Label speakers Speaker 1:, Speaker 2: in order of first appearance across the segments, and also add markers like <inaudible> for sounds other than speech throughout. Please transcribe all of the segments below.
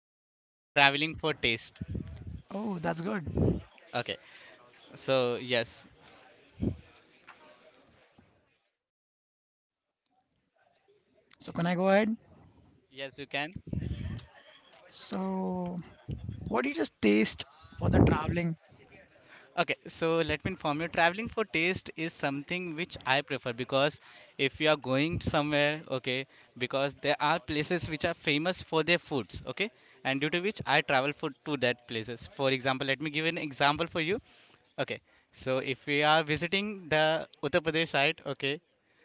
Speaker 1: will be traveling for taste.
Speaker 2: Oh, that's good.
Speaker 1: Okay. So, yes.
Speaker 2: So, can I go ahead?
Speaker 1: Yes, you can.
Speaker 2: So, what do you just taste for the traveling?
Speaker 1: Okay, so let me inform you, traveling for taste is something which I prefer because if you are going somewhere, okay, because there are places which are famous for their foods, okay, and due to which I travel for to that places. For example, let me give an example for you. Okay, so if we are visiting the Uttar Pradesh side, okay,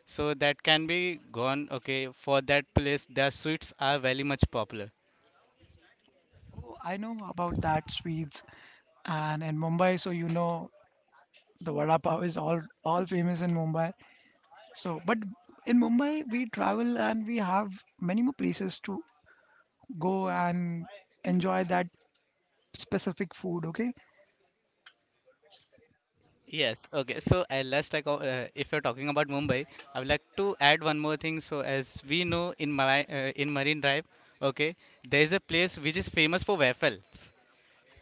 Speaker 1: so that can be gone, okay, for that place, their sweets are very much popular.
Speaker 2: Oh, I know about that Swedes and in Mumbai. So you know the vada pav is all famous in Mumbai. So, but in Mumbai we travel and we have many more places to go and enjoy that specific food. Okay.
Speaker 1: Yes, okay. So, last I go, if you're talking about Mumbai, I would like to add one more thing. So, as we know in in Marine Drive, okay, there is a place which is famous for waffles.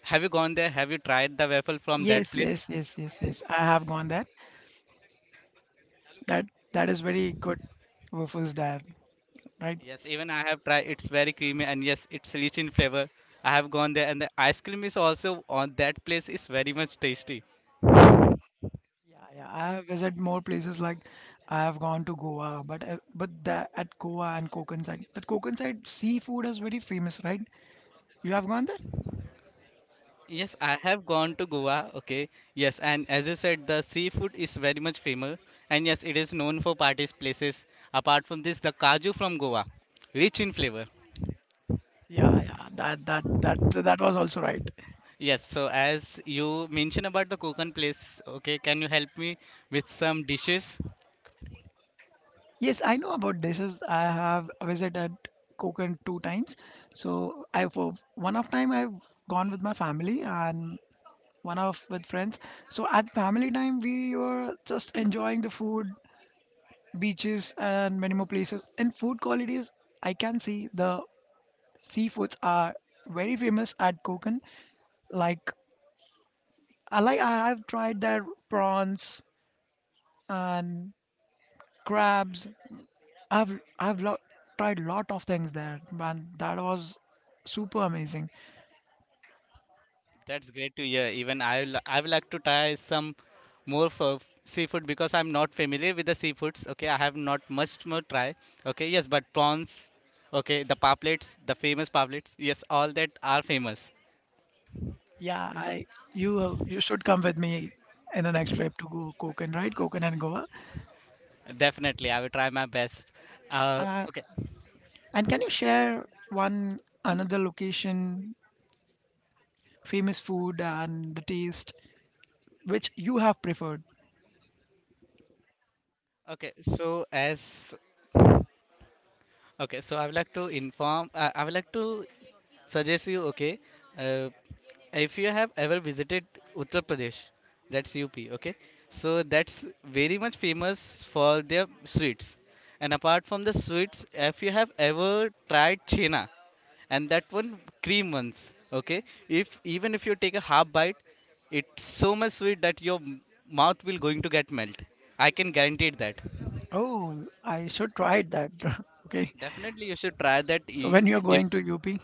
Speaker 1: Have you gone there? Have you tried the waffle from that
Speaker 2: Yes,
Speaker 1: place?
Speaker 2: yes, yes, yes, yes. I have gone there. That that is very good waffles there, right?
Speaker 1: Yes, even I have tried. It's very creamy and yes, it's rich in flavor. I have gone there, and the ice cream is also on that place is very much tasty.
Speaker 2: Yeah, yeah. I have visited more places like I have gone to Goa, but at Goa and Konkan side, that Konkan side seafood is very famous, right? You have gone there?
Speaker 1: Yes, I have gone to Goa. Okay. Yes, and as you said, the seafood is very much famous, and yes, it is known for parties places. Apart from this, the kaju from Goa, rich in flavor.
Speaker 2: Yeah, yeah. That was also right.
Speaker 1: Yes. So as you mentioned about the Konkan place, okay, can you help me with some dishes?
Speaker 2: Yes, I know about dishes. I have visited Konkan two times. So I for one of time I've gone with my family and one of with friends. So at family time we were just enjoying the food, beaches and many more places. And food qualities, I can see the seafoods are very famous at Konkan. Like I have tried their prawns and crabs. I've tried lot of things there, man. That was super amazing.
Speaker 1: That's great to hear. Even I would like to try some more for seafood because I'm not familiar with the seafoods. Okay, I have not much more try. Okay, yes, but prawns, okay, the poplets, the famous poplets, yes, all that are famous.
Speaker 2: Yeah, I you should come with me in the next trip to go Konkan, right? Konkan and Goa.
Speaker 1: Definitely, I will try my best.
Speaker 2: Uh,
Speaker 1: Okay,
Speaker 2: and can you share one another location, famous food and the taste which you have preferred?
Speaker 1: okay. So as Okay, so I would like to inform, I would like to suggest you, okay, uh, if you have ever visited Uttar Pradesh, that's UP, okay, so that's very much famous for their sweets. And apart from the sweets, if you have ever tried chena, and that one cream ones, okay, if even if you take a half bite, it's so much sweet that your mouth will going to get melt. I can guarantee it that.
Speaker 2: Oh, I should try that. <laughs> Okay.
Speaker 1: Definitely, you should try that.
Speaker 2: So
Speaker 1: i-
Speaker 2: when you're
Speaker 1: If
Speaker 2: going to UP?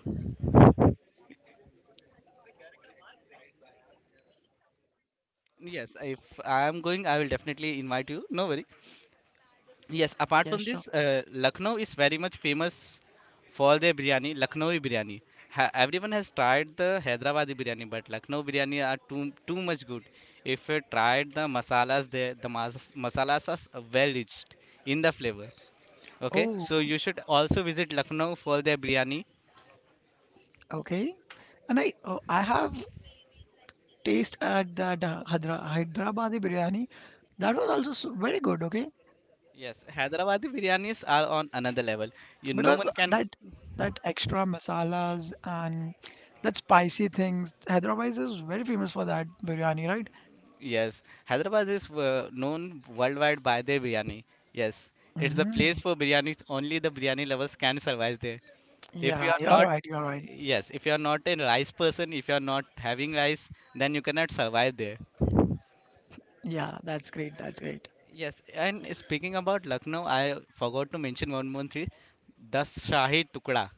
Speaker 1: Yes, if I am going, I will definitely invite you. No worry. Yes, apart
Speaker 2: Yeah,
Speaker 1: from
Speaker 2: sure.
Speaker 1: this, Lucknow is very much famous for their biryani, Lucknowi biryani. Everyone has tried the Hyderabadi biryani, but Lucknow biryani are too much good. If you tried the masalas there, the masalas are well rich in the flavor. Okay,
Speaker 2: Oh,
Speaker 1: so you should also visit Lucknow for their biryani.
Speaker 2: okay. And I oh, I have taste at that Hydra Hyderabadi biryani. That was also very good, okay?
Speaker 1: Yes, Hyderabadi biryanis are on another level. You no
Speaker 2: Because
Speaker 1: one can.
Speaker 2: that extra masalas and that spicy things, Hyderabad is very famous for that biryani, right?
Speaker 1: Yes, Hyderabad is known worldwide by their biryani. Yes, it's the place
Speaker 2: Hmm.
Speaker 1: for biryanis. Only the biryani lovers can survive there. If you
Speaker 2: Yeah,
Speaker 1: are
Speaker 2: you're
Speaker 1: not,
Speaker 2: right, you're right.
Speaker 1: yes, if you are not a rice person, if you are not having rice, then you cannot survive there.
Speaker 2: Yeah, that's great, that's great.
Speaker 1: Yes, and speaking about Lucknow, I forgot to mention one more thing. The Shahi Tukda,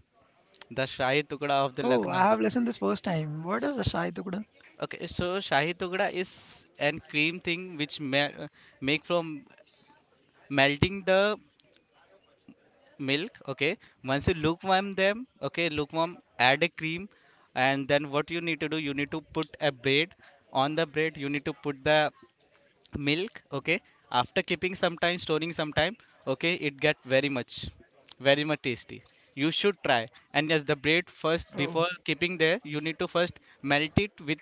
Speaker 1: the Shahi Tukda of the
Speaker 2: Oh, I
Speaker 1: Lucknow.
Speaker 2: have listened this first time. What is the Shai Tukda?
Speaker 1: Okay, so Shahi Tukda is an cream thing which make from melting the milk, okay, once you lukewarm them, okay, lukewarm add a cream, and then what you need to do, you need to put a bread, on the bread you need to put the milk, okay, after keeping some time, storing some time, okay, it get very much, very much tasty, you should try. And yes, the bread first
Speaker 2: Oh,
Speaker 1: before keeping there you need to first melt it with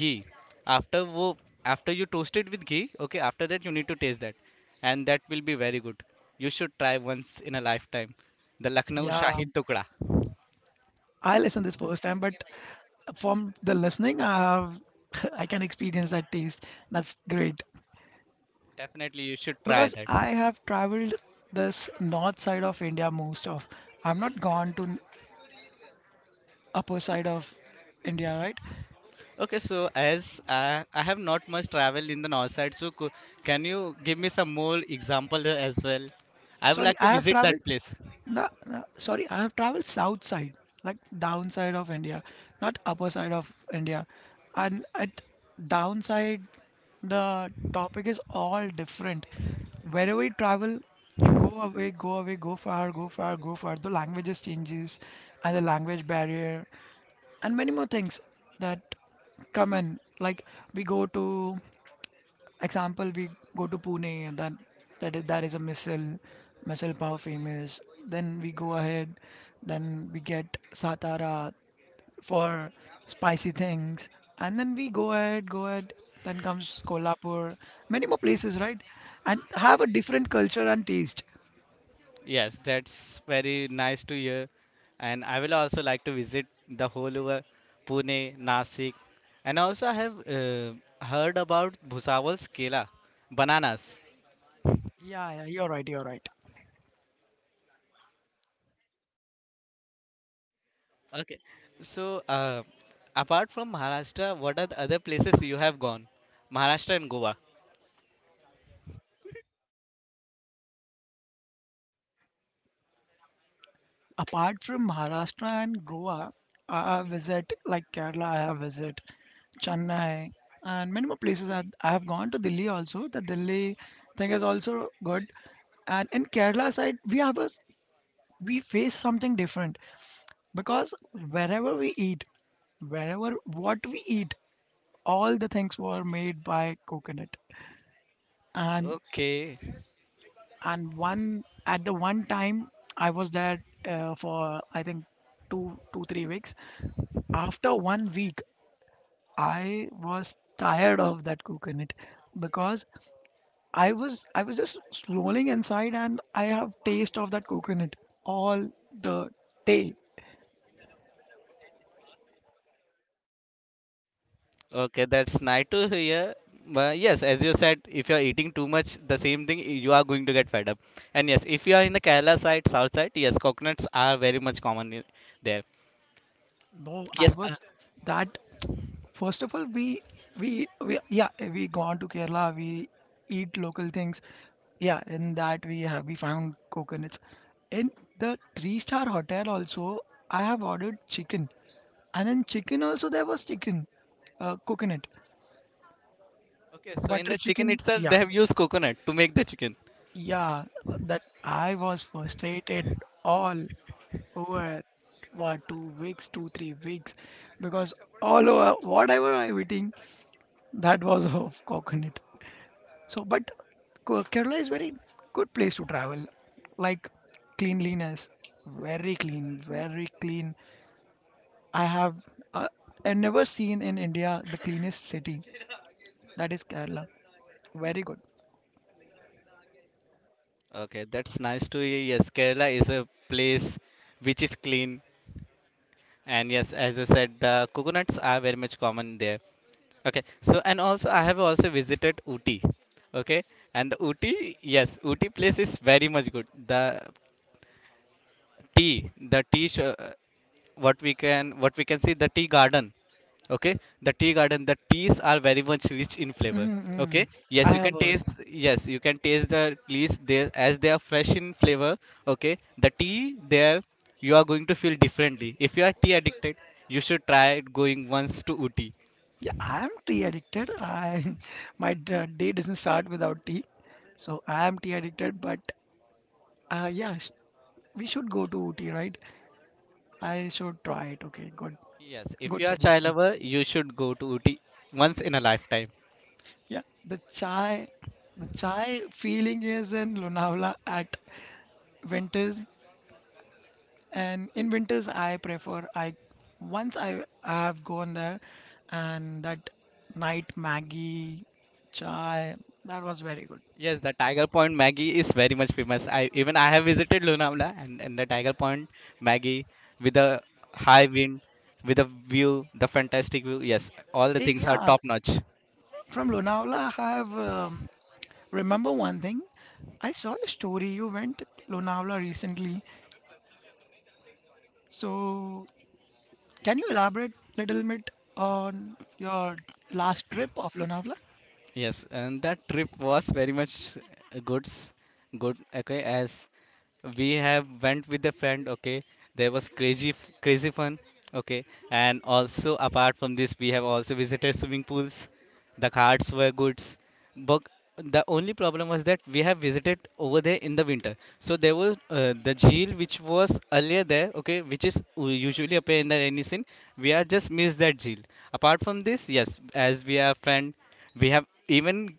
Speaker 1: ghee, after wo, after you toast it with ghee, okay, after that you need to taste that, and that will be very good, you should try once in a lifetime the Lucknow
Speaker 2: yeah,
Speaker 1: Shahi Tukda.
Speaker 2: I listened this first time, but from the listening, I have <laughs> I can experience that taste. That's great
Speaker 1: Definitely you should try
Speaker 2: because
Speaker 1: that.
Speaker 2: I have traveled this north side of India most of. I'm not upper side of India, right?
Speaker 1: Okay, so as I have not much travelled in the north side, so can you give me some more example as well? I would
Speaker 2: Sorry,
Speaker 1: like to
Speaker 2: I have
Speaker 1: visit
Speaker 2: traveled.
Speaker 1: that place.
Speaker 2: No, no, sorry, I have traveled south side, like downside of India, not upper side of India. And at downside the topic is all different. Wherever you travel, you go away, go away, go far, go far, go far. The languages changes and the language barrier and many more things that come in. Like we go to example, we go to Pune and then that is a missile power famous. Then we go ahead, then we get Satara, for spicy things. And then we go ahead, go ahead. Then comes Kolhapur, many more places, right? And have a different culture and taste.
Speaker 1: Yes, that's very nice to hear, and I will also like to visit the whole over Pune, Nasik, and also I have heard about Bhusaval's Kela, bananas.
Speaker 2: Yeah, yeah, you're right, you're right.
Speaker 1: Okay, so apart from Maharashtra, what are the other places you have gone? Maharashtra and Goa.
Speaker 2: Apart from Maharashtra and Goa, I visit like Kerala, I have visit Chennai and many more places. I have gone to Delhi also. The Delhi thing is also good. And in Kerala side, we have a we face something different, because wherever we eat wherever what we eat all the things were made by coconut. and
Speaker 1: Okay.
Speaker 2: and one at the one time I was there for I think two three weeks. After one week I was tired of that coconut, because I was just rolling inside and I have taste of that coconut all the day.
Speaker 1: Okay, that's nice to hear. But yes, as you said, if you're eating too much, the same thing, you are going to get fed up. And yes, if you are in the Kerala side, south side, yes, coconuts are very much common there.
Speaker 2: Though I
Speaker 1: Yes.
Speaker 2: was that, first of all, we yeah we gone to Kerala. We eat local things. Yeah, in that we have we found coconuts. In the three-star hotel also, I have ordered chicken, and in chicken also there was chicken, coconut,
Speaker 1: Okay, so in
Speaker 2: butter
Speaker 1: the chicken
Speaker 2: chicken.
Speaker 1: itself,
Speaker 2: Yeah,
Speaker 1: they have used coconut to make the chicken.
Speaker 2: yeah, that I was frustrated all over what 2 weeks, 2-3 weeks, because all over whatever I eating, that was <laughs> of coconut. So, but Kerala is very good place to travel. Like cleanliness, very clean, very clean. I have uh, I never seen in India the cleanest city. That is Kerala. Very good.
Speaker 1: Okay, that's nice to hear. Yes, Kerala is a place which is clean. And yes, as you said, the coconuts are very much common there. Okay. So and also I have also visited Ooty. Okay. And the Ooty, yes, Ooty place is very much good. The tea, what we can see, the tea garden. Okay. The tea garden, the teas are very much rich in flavor.
Speaker 2: Mm-hmm.
Speaker 1: Okay.
Speaker 2: I
Speaker 1: Yes, you
Speaker 2: have
Speaker 1: can
Speaker 2: heard.
Speaker 1: taste. Yes, you can taste the leaves there as they are fresh in flavor. Okay. The tea there, you are going to feel differently. If you are tea addicted, you should try going once to Ooty.
Speaker 2: Yeah, I am tea addicted. I <laughs> my day doesn't start without tea, so I am tea addicted. But uh, yeah, sh- we should go to Ooty, right? I should try it. Okay, good,
Speaker 1: Yes, if
Speaker 2: good
Speaker 1: you are child
Speaker 2: suggestion.
Speaker 1: lover, you should go to Ooty once in a lifetime.
Speaker 2: Yeah, the chai feeling is in Lonavala at winters, and in winters I prefer I once I have gone there, and that night Maggie, chai, that was very good.
Speaker 1: Yes, the Tiger Point Maggie is very much famous. I even I have visited Lonavala and, the Tiger Point Maggie with the high wind, with the view, the fantastic view. Yes, all the things are
Speaker 2: Yeah,
Speaker 1: top notch.
Speaker 2: from Lonavala I have remember one thing. I saw a story you went to Lonavala recently, so can you elaborate little bit on your last trip of Lonavala?
Speaker 1: Yes, and that trip was very much good. Okay, as we have went with a friend, okay, there was crazy fun, okay, and also apart from this we have also visited swimming pools, the cards were goods, but the only problem was that we have visited over there in the winter, so there was the jail which was earlier there, okay, which is usually appear in the rainy scene. We are just missed that jail. Apart from this, yes, as we are friend, we have even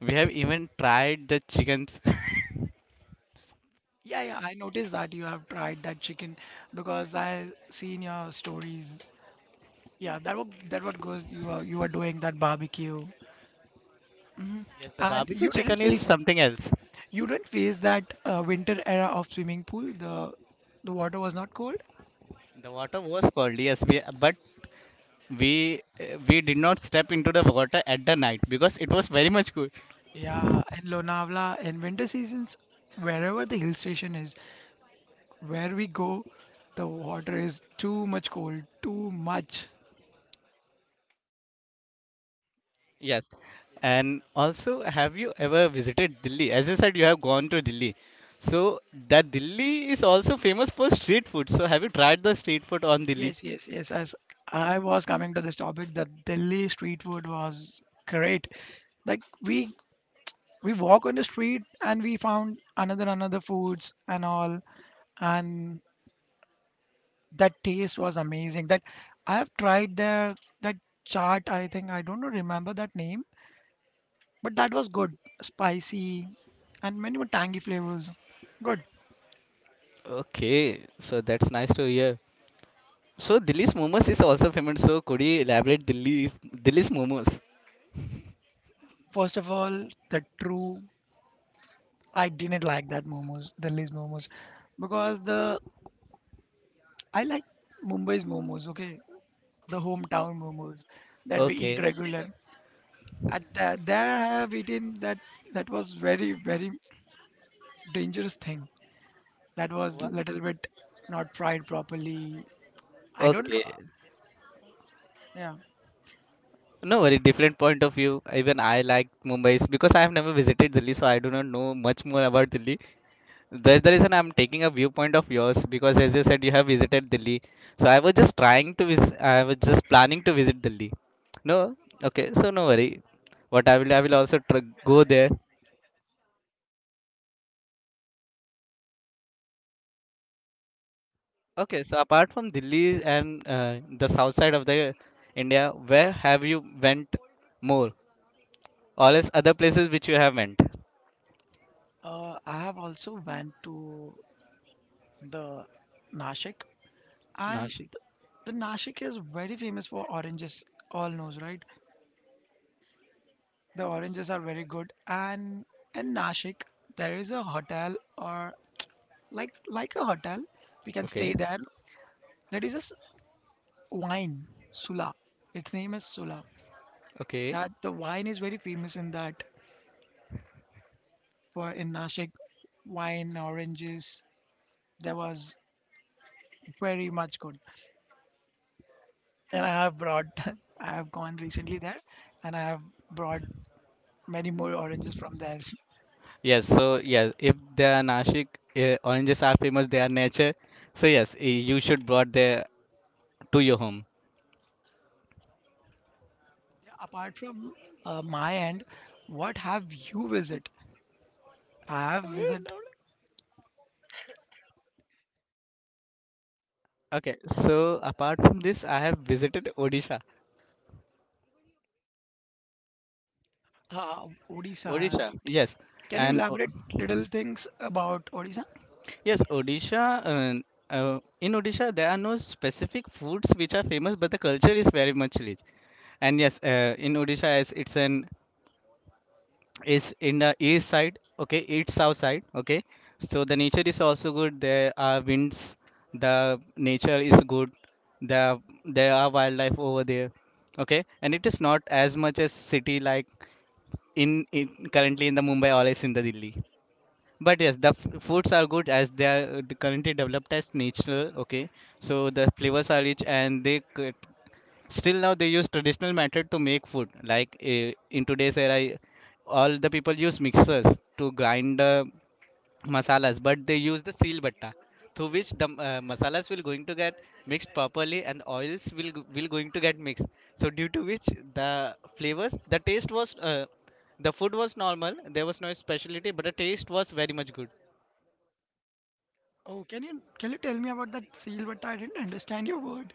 Speaker 1: we have even tried the chickens <laughs>
Speaker 2: Yeah, yeah, I noticed that you have tried that chicken because I seen your stories. Yeah, that what goes you were doing that barbecue. Hmm.
Speaker 1: yes, the
Speaker 2: And
Speaker 1: barbecue
Speaker 2: you didn't
Speaker 1: chicken is
Speaker 2: face
Speaker 1: something else.
Speaker 2: that winter era of swimming pool. The water was not cold.
Speaker 1: The water was cold, yes, but we did not step into the water at the night because it was very much cool.
Speaker 2: Yeah, in Lonavala in winter seasons, wherever the hill station is, where we go, the water is too much cold, too much.
Speaker 1: Yes, and also, have you ever visited Delhi? As you said, you have gone to Delhi, so that Delhi is also famous for street food. So, have you tried the street food on Delhi?
Speaker 2: Yes, yes, yes. As I was coming to this topic, the Delhi street food was great. Like we walk on the street and we found another foods and all, and that taste was amazing. That I have tried their that chaat. I think I don't remember that name, but that was good, spicy, and many more tangy flavors. Good.
Speaker 1: Okay, so that's nice to hear. So, Delhi's momos is also famous. So, could you elaborate Delhi's momos?
Speaker 2: First of all, the true I didn't like that momos, Delhi's momos, because the I like Mumbai's momos, okay? The hometown momos that we eat
Speaker 1: Okay.
Speaker 2: regular. At that, there I have eaten that, that was very, very dangerous thing. That was
Speaker 1: What?
Speaker 2: little bit not fried properly. I don't
Speaker 1: Okay,
Speaker 2: know. Yeah.
Speaker 1: no, very different point of view. Even I like Mumbai's because I have never visited Delhi, so I do not know much more about Delhi. That's the reason I'm taking a viewpoint of yours because, as you said, you have visited Delhi. So I was just trying to visit. I was just planning to visit Delhi. No, okay. So no worry. I will also go there. Okay. So apart from Delhi and the south side of the India, where have you went more? All is other places which you have went?
Speaker 2: I have also went to the Nashik, and
Speaker 1: Nashik.
Speaker 2: the Nashik is very famous for oranges. All knows, right? The oranges are very good, and in Nashik there is a hotel, or like a hotel we can
Speaker 1: Okay.
Speaker 2: stay there, that is just wine, Sula. Its name is Sula.
Speaker 1: Okay.
Speaker 2: That the wine is very famous in that, for in Nashik, wine, oranges, that was very much good. And I have brought <laughs> I have gone recently there and I have brought many more oranges from there. <laughs>
Speaker 1: Yes, so yes, if they are Nashik, oranges are famous, they are nature. So yes, eh, you should brought there to your home.
Speaker 2: Apart from my end, what have you visit? I have visit
Speaker 1: Okay, so apart from this, I have visited Odisha.
Speaker 2: uh, Odisha,
Speaker 1: Odisha,
Speaker 2: right?
Speaker 1: yes,
Speaker 2: Can you
Speaker 1: and o-
Speaker 2: elaborate little things about Odisha?
Speaker 1: yes, Odisha. In Odisha, there are no specific foods which are famous, but the culture is very much rich. And yes, in Odisha, as it's an is in the east side, okay, east south side, okay, so the nature is also good, there are winds, the nature is good, there there are wildlife over there, okay, and it is not as much as city like in currently in the Mumbai or as in the Delhi, but yes the foods are good as they are currently developed as natural, okay, so the flavors are rich and they still now they use traditional method to make food, like eh, in today's era, eh, all the people use mixers to grind the masalas, but they use the seal batta, through which the masalas will going to get mixed properly and oils will going to get mixed. So due to which the flavors, the taste was the food was normal, there was no specialty but the taste was very much good.
Speaker 2: Oh, can you tell me about that seal? But I didn't understand your word.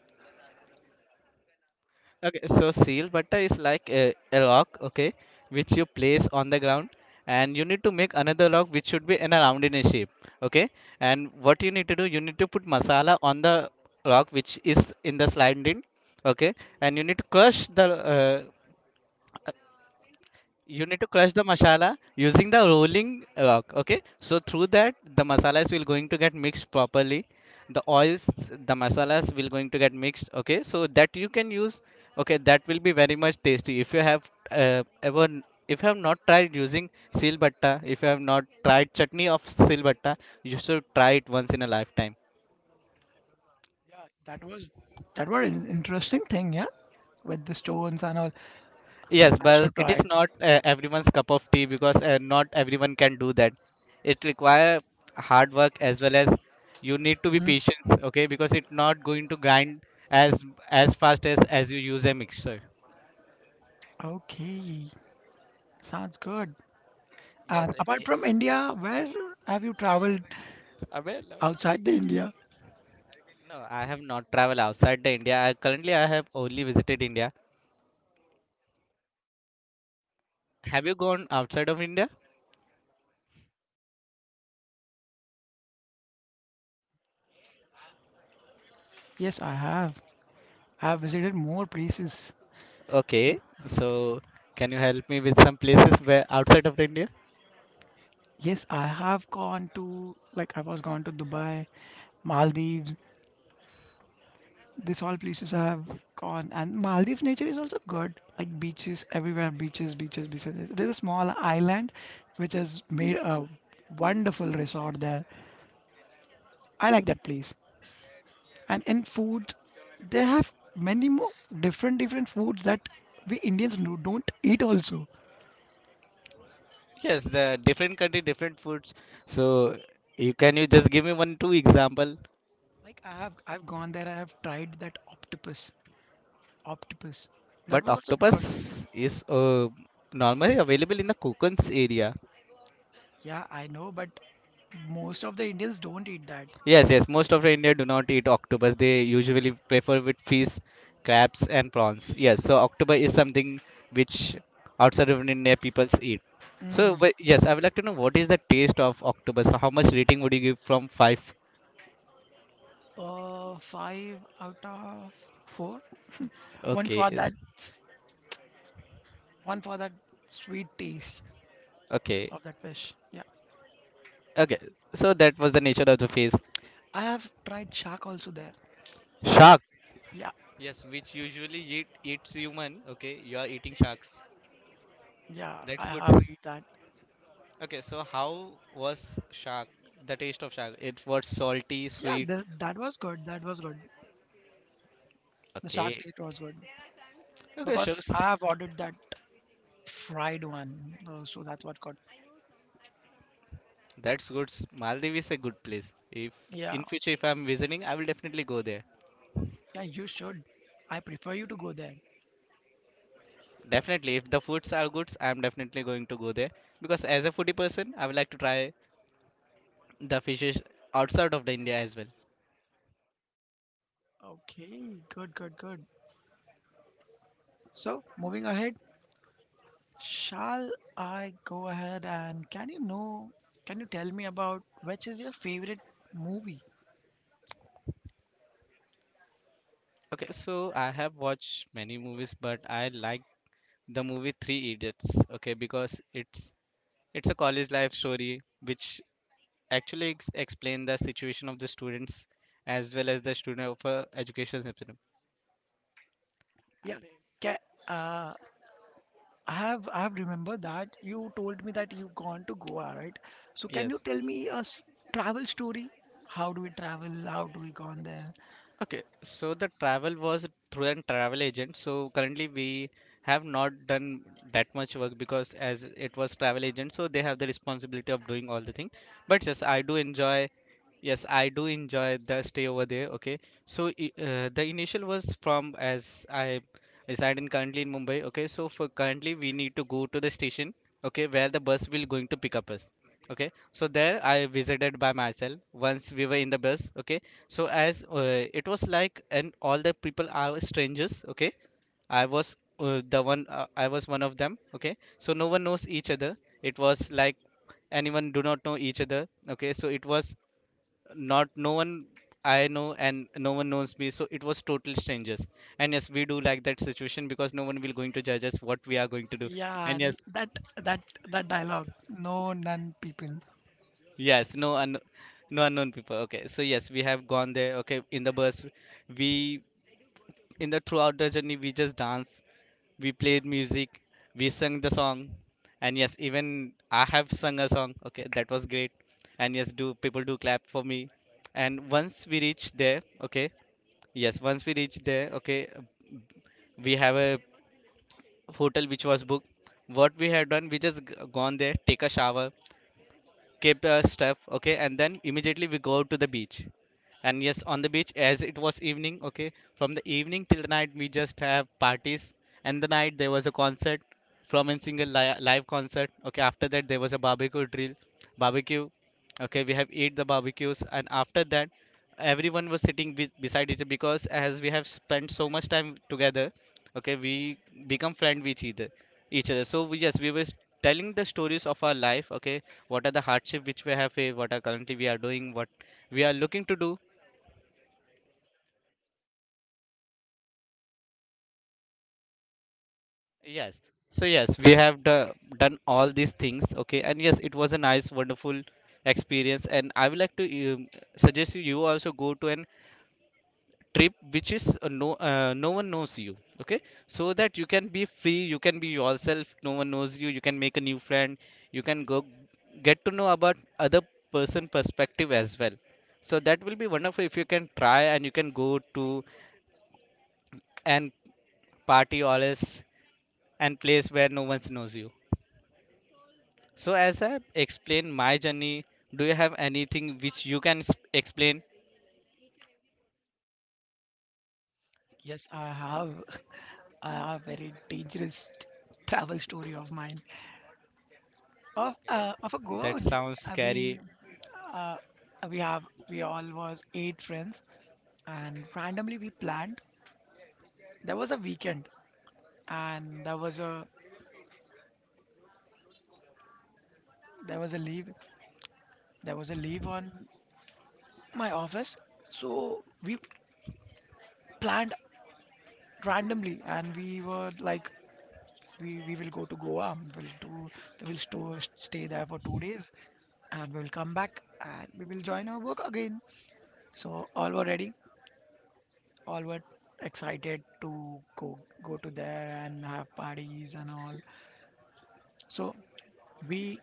Speaker 1: Okay, so seal butter is like a rock, okay, which you place on the ground, and you need to make another rock which should be in a round in a shape, okay. And what you need to do, you need to put masala on the rock which is in the sliding, okay, and you need to crush the you need to crush the masala using the rolling rock, okay, so through that the masalas will going to get mixed properly, the oils, the masalas will going to get mixed, okay, so that you can use. Okay, that will be very much tasty if you have ever if you have not tried using silbatta, if you have not tried chutney of silbatta, you should try it once in a lifetime.
Speaker 2: Yeah, that was an interesting thing. Yeah, with the stones and all.
Speaker 1: Yes,
Speaker 2: I
Speaker 1: but
Speaker 2: should
Speaker 1: it
Speaker 2: try
Speaker 1: is
Speaker 2: it.
Speaker 1: not everyone's cup of tea because not everyone can do that. It require hard work as well as you need to be
Speaker 2: Mm,
Speaker 1: patient, okay? Because it's not going to grind as fast as you use a mixer.
Speaker 2: okay, sounds good.
Speaker 1: Yes,
Speaker 2: And apart from India, where have you traveled
Speaker 1: अबे लौड़ा बे।
Speaker 2: outside the India?
Speaker 1: No, I have not traveled outside the India. I, currently, I have only visited India. Have you gone outside of India?
Speaker 2: Yes, I have. I have visited more places.
Speaker 1: Okay, so can you help me with some places where outside of India?
Speaker 2: Yes, I have gone to like I was gone to Dubai, Maldives. These all places I have gone, and Maldives nature is also good. Like beaches everywhere, beaches, beaches, beaches. There's a small island which has made a wonderful resort there. I like that place. And in food, they have many more different foods that we Indians no, don't eat also.
Speaker 1: Yes, the different country, different foods. So you can you just give me one two example.
Speaker 2: Like I have I've gone there, I have tried that octopus. Octopus. That
Speaker 1: But
Speaker 2: was also good.
Speaker 1: octopus is normally available in the Kokan's area.
Speaker 2: Yeah, I know, but most of the Indians don't eat that.
Speaker 1: Yes, yes. Most of the India do not eat octopus. They usually prefer with fish, crabs, and prawns. Yes. So octopus is something which outside of India peoples eat. So
Speaker 2: Mm.
Speaker 1: yes, I would like to know what is the taste of octopus. How much rating would you give from 5?
Speaker 2: Five out of four. One
Speaker 1: Okay.
Speaker 2: for that,
Speaker 1: Is-
Speaker 2: one for that sweet taste
Speaker 1: okay.
Speaker 2: of that fish. Yeah,
Speaker 1: Okay. So that was the nature of the face.
Speaker 2: I have tried shark also there.
Speaker 1: Shark.
Speaker 2: Yeah,
Speaker 1: Yes, which usually eat, eats human. Okay, you are eating sharks.
Speaker 2: yeah,
Speaker 1: That's
Speaker 2: I
Speaker 1: good.
Speaker 2: have eat that.
Speaker 1: Okay, so how was shark? The taste of shark. It was salty,
Speaker 2: Yeah,
Speaker 1: sweet.
Speaker 2: the, that was good. That was good. The shark
Speaker 1: Okay.
Speaker 2: taste was good
Speaker 1: Okay,
Speaker 2: because
Speaker 1: sharks.
Speaker 2: I have ordered that fried one, so that's what got.
Speaker 1: That's good. Maldives is a good place. If
Speaker 2: Yeah,
Speaker 1: in future if I'm visiting, I will definitely go there.
Speaker 2: yeah, you should. I prefer you to go there.
Speaker 1: Definitely, if the foods are good, I'm definitely going to go there because as a foodie person, I would like to try the fishes outside of the India as well.
Speaker 2: Okay, good, good, good. So moving ahead, shall I go ahead and can you know, can you tell me about which is your favorite movie?
Speaker 1: Okay, so I have watched many movies, but I like the movie Three Idiots. Okay, because it's a college life story which actually explain the situation of the students as well as the student of a education system.
Speaker 2: Yeah,
Speaker 1: Abe,
Speaker 2: ca uh, I have remembered that you told me that you've gone to Goa, right? So can you
Speaker 1: yes.
Speaker 2: tell me a travel story? How do we travel? How do we gone there?
Speaker 1: Okay, so the travel was through an travel agent. So currently we have not done that much work because as it was travel agent, so they have the responsibility of doing all the thing. But yes, I do enjoy. Yes, I do enjoy the stay over there. Okay, so the initial was from as I reside in currently in Mumbai. Okay, so for currently we need to go to the station. Okay, where the bus will going to pick up us. Okay, so there I visited by myself. Once we were in the bus. Okay, so as it was like, and all the people are strangers. Okay, I was the one. I was one of them. Okay, so no one knows each other. It was like anyone do not know each other. Okay, so it was not no one I know and no one knows me. So it was total strangers. And yes, we do like that situation because no one will going to judge us what we are going to do.
Speaker 2: Yeah,
Speaker 1: And yes,
Speaker 2: that that that dialogue. No, none people.
Speaker 1: yes, no unknown people. Okay, so yes, we have gone there. Okay, in the bus, we in the throughout the journey we just danced, we played music, we sang the song, and yes, even I have sung a song, okay, that was great. And yes, do people do clap for me, and once we reach there, okay, yes, once we reach there, okay, we have a hotel which was booked. What we had done, we just gone there, take a shower, kept our stuff, okay, and then immediately we go to the beach. And yes, on the beach, as it was evening, okay, from the evening till the night, we just have parties, and the night there was a concert from a single live concert, okay, after that there was a barbecue drill, barbecue. Okay, we have eat the barbecues, and after that everyone was sitting with, beside each other because as we have spent so much time together, okay, we become friend with each other, so we, yes, we were telling the stories of our life. Okay, what are the hardship which we have faced, what are currently we are doing, what we are looking to do. Yes, so yes, we have done all these things, okay, and yes, it was a nice wonderful experience, and I would like to suggest you you also go to an trip which is no one knows you, okay, so that you can be free, you can be yourself, no one knows you, you can make a new friend, you can go get to know about other person perspective as well, so that will be wonderful if you can try and you can go to and party or and place where no one knows you. So as I explain my journey, do you have anything which you can explain?
Speaker 2: Yes, I have <laughs> I have very dangerous travel story of mine
Speaker 1: Okay,
Speaker 2: of a Goa
Speaker 1: that
Speaker 2: only.
Speaker 1: sounds
Speaker 2: Uh, we
Speaker 1: scary.
Speaker 2: we have we all was 8 friends and randomly we planned. There was a weekend and there was a leave, there was a leave on my office, so we planned randomly and we were like we will go to Goa. We'll do we'll stay there for 2 days and we'll come back and we will join our work again. So all were ready, all were excited to go to there and have parties and all. So we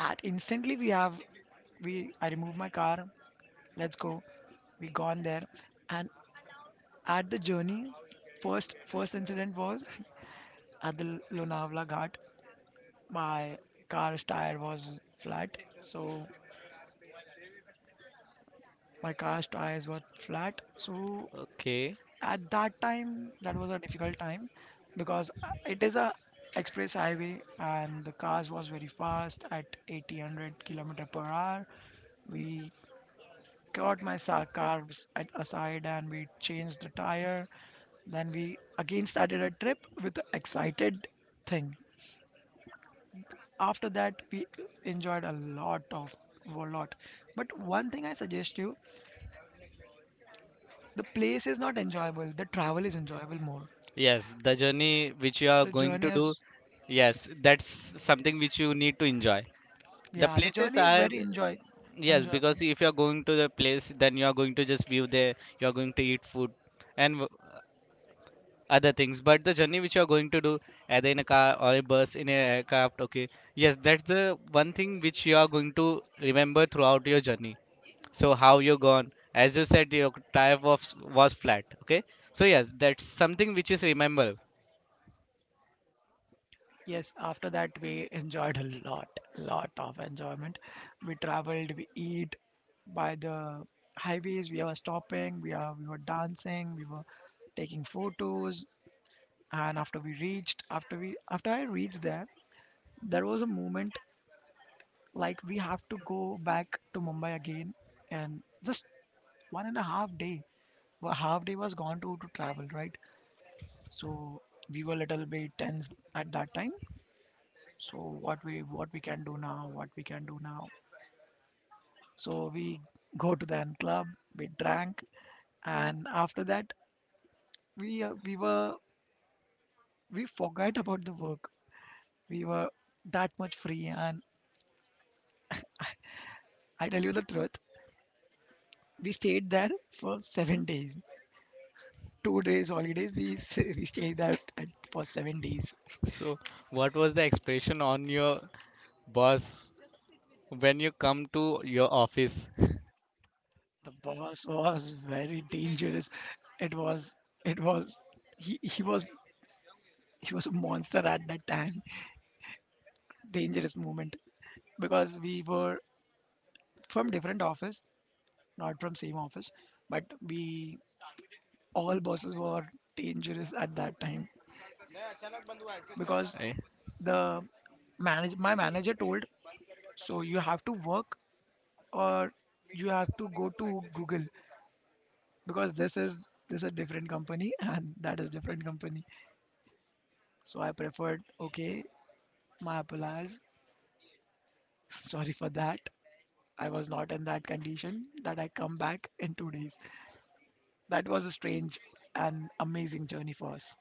Speaker 2: at instantly we have we I remove my car, let's go. We gone there, and at the journey, first first incident was <laughs> at the Lonavala Ghat. My car's tire was flat, so my car's tires were flat. So
Speaker 1: Okay,
Speaker 2: at that time, that was a difficult time because it is a express highway and the cars was very fast at 80-100 kilometer per hour. We secured my carbs at aside and we changed the tire. Then we again started a trip with the excited thing. After that, we enjoyed a lot of a lot. But one thing I suggest you, the place is not enjoyable. The travel is enjoyable more.
Speaker 1: yes, the journey which you are
Speaker 2: The
Speaker 1: going
Speaker 2: journey
Speaker 1: to do,
Speaker 2: is
Speaker 1: yes, that's something which you need to enjoy. The
Speaker 2: yeah, the
Speaker 1: places
Speaker 2: journey is
Speaker 1: are,
Speaker 2: very enjoy
Speaker 1: yes,
Speaker 2: enjoyable.
Speaker 1: because if you are going to the place, then you are going to just view there, you are going to eat food, and w- other things, but the journey which you are going to do either in a car or a bus in a aircraft, okay, yes, that's the one thing which you are going to remember throughout your journey. So how you gone, as you said your tire was flat, okay, so yes, that's something which is remember.
Speaker 2: Yes, after that we enjoyed a lot, lot of enjoyment. We traveled, we eat, by the highways. We were stopping, we were dancing, we were taking photos. And after we reached, after I reached there, there was a moment like we have to go back to Mumbai again, and just 1.5 day. Well, half day was gone to travel, right? So we were a little bit tense at that time. So what we can do now, what we can do now. So we go to the club, we drank, and after that we were we forgot about the work. We were that much free, and I tell you the truth, we stayed there for 7 days. 2 days holidays, we <laughs> we stayed there for 7 days.
Speaker 1: So what was the expression on your boss when you come to your office?
Speaker 2: The boss was very dangerous. It was it was he he was he was a monster at that time. Dangerous moment because we were from different office, not from same office, but we all bosses were dangerous at that time because
Speaker 1: <laughs>
Speaker 2: the manage my manager told so you have to work or you have to go to Google, because this is a different company <laughs> and that is different company. So I preferred okay, my apologies, <laughs> sorry for that. I was not in that condition that I come back in 2 days. That was a strange and amazing journey for us.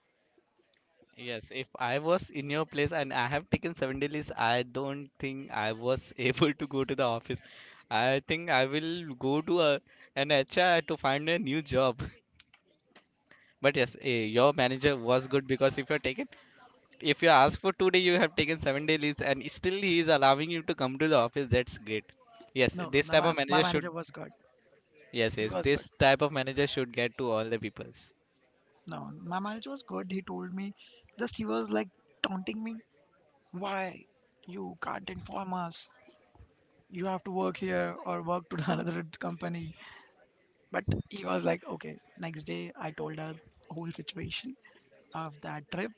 Speaker 1: Yes, if I was in your place and I have taken 7 days, I don't think I was <laughs> able to go to the office. I think I will go to a, an HR to find a new job. <laughs> But yes, eh, your manager was good because if you're taken, if you ask for 2 day, you have taken 7 days, and still he is allowing you to come to the office. That's great. Yes,
Speaker 2: No, no,
Speaker 1: this
Speaker 2: no,
Speaker 1: type
Speaker 2: my,
Speaker 1: of
Speaker 2: my
Speaker 1: manager should.
Speaker 2: manager was good.
Speaker 1: Yes,
Speaker 2: He
Speaker 1: yes,
Speaker 2: was good.
Speaker 1: this type of manager should get to all the peoples.
Speaker 2: No, my manager was good, he told me, just he was like taunting me. Why? You can't inform us. You have to work here or work to <laughs> another company. But he was like, okay. Next day, I told her whole situation of that trip.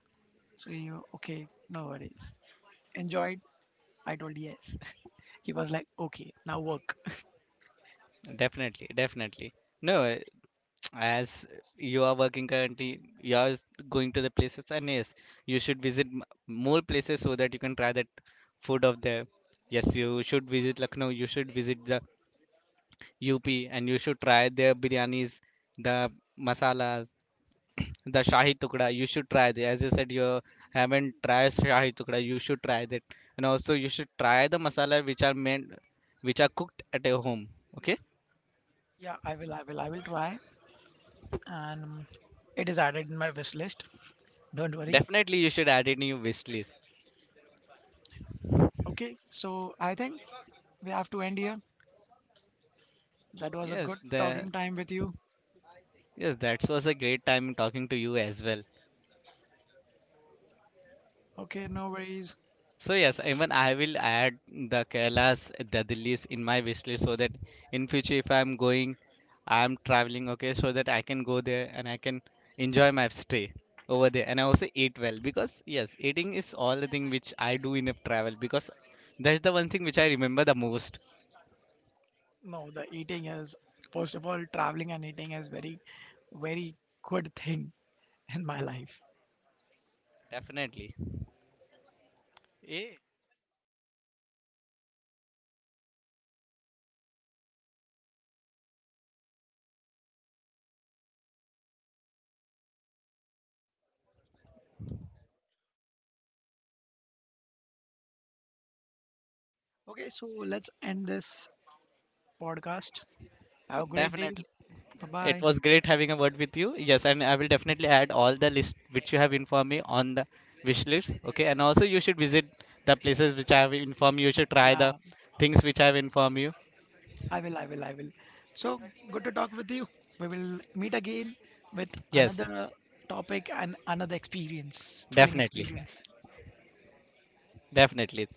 Speaker 2: So he, okay, no worries. Enjoyed? I told yes. <laughs> He was like, okay, now work. <laughs>
Speaker 1: Definitely, definitely. No, eh, as you are working currently, you are going to the places, and yes, you should visit more places so that you can try that food of there. Yes, you should visit Lucknow, you should visit the UP, and you should try their biryanis, the masalas, the shahi tukda. You should try, the as you said, you haven't tried shahi tukda, you should try that. And also you should try the masala which are meant, which are cooked at your home, okay.
Speaker 2: Yeah, I will, I will, I will try. And it is added in my wish list. Don't worry.
Speaker 1: Definitely, you should add it in your wish list.
Speaker 2: Okay, so I think we have to end here. That was a good
Speaker 1: Yes, the
Speaker 2: talking time with you.
Speaker 1: yes, that was a great time talking to you as well.
Speaker 2: Okay, no worries.
Speaker 1: So yes, even I will add the Kailas, the Dillis in my wish list so that in future if I'm going, I'm traveling, okay, so that I can go there and I can enjoy my stay over there, and I also eat well because yes, eating is all the thing which I do in a travel because that's the one thing which I remember the most.
Speaker 2: No, the eating is, first of all, traveling and eating is very, very good thing in my life.
Speaker 1: Definitely. Yeah,
Speaker 2: Okay, so let's end this podcast. Have a great day.
Speaker 1: definitely.
Speaker 2: Bye
Speaker 1: It
Speaker 2: bye.
Speaker 1: was great having a word with you. Yes, and I will definitely add all the list which you have informed me on the wish list. Okay, and also you should visit the places which I have informed you. You should try
Speaker 2: Yeah,
Speaker 1: the things which I have informed you.
Speaker 2: I will, I will, I will. So good to talk with you. We will meet again with
Speaker 1: Yes,
Speaker 2: another topic and another experience, thrilling
Speaker 1: definitely,
Speaker 2: experience.
Speaker 1: definitely.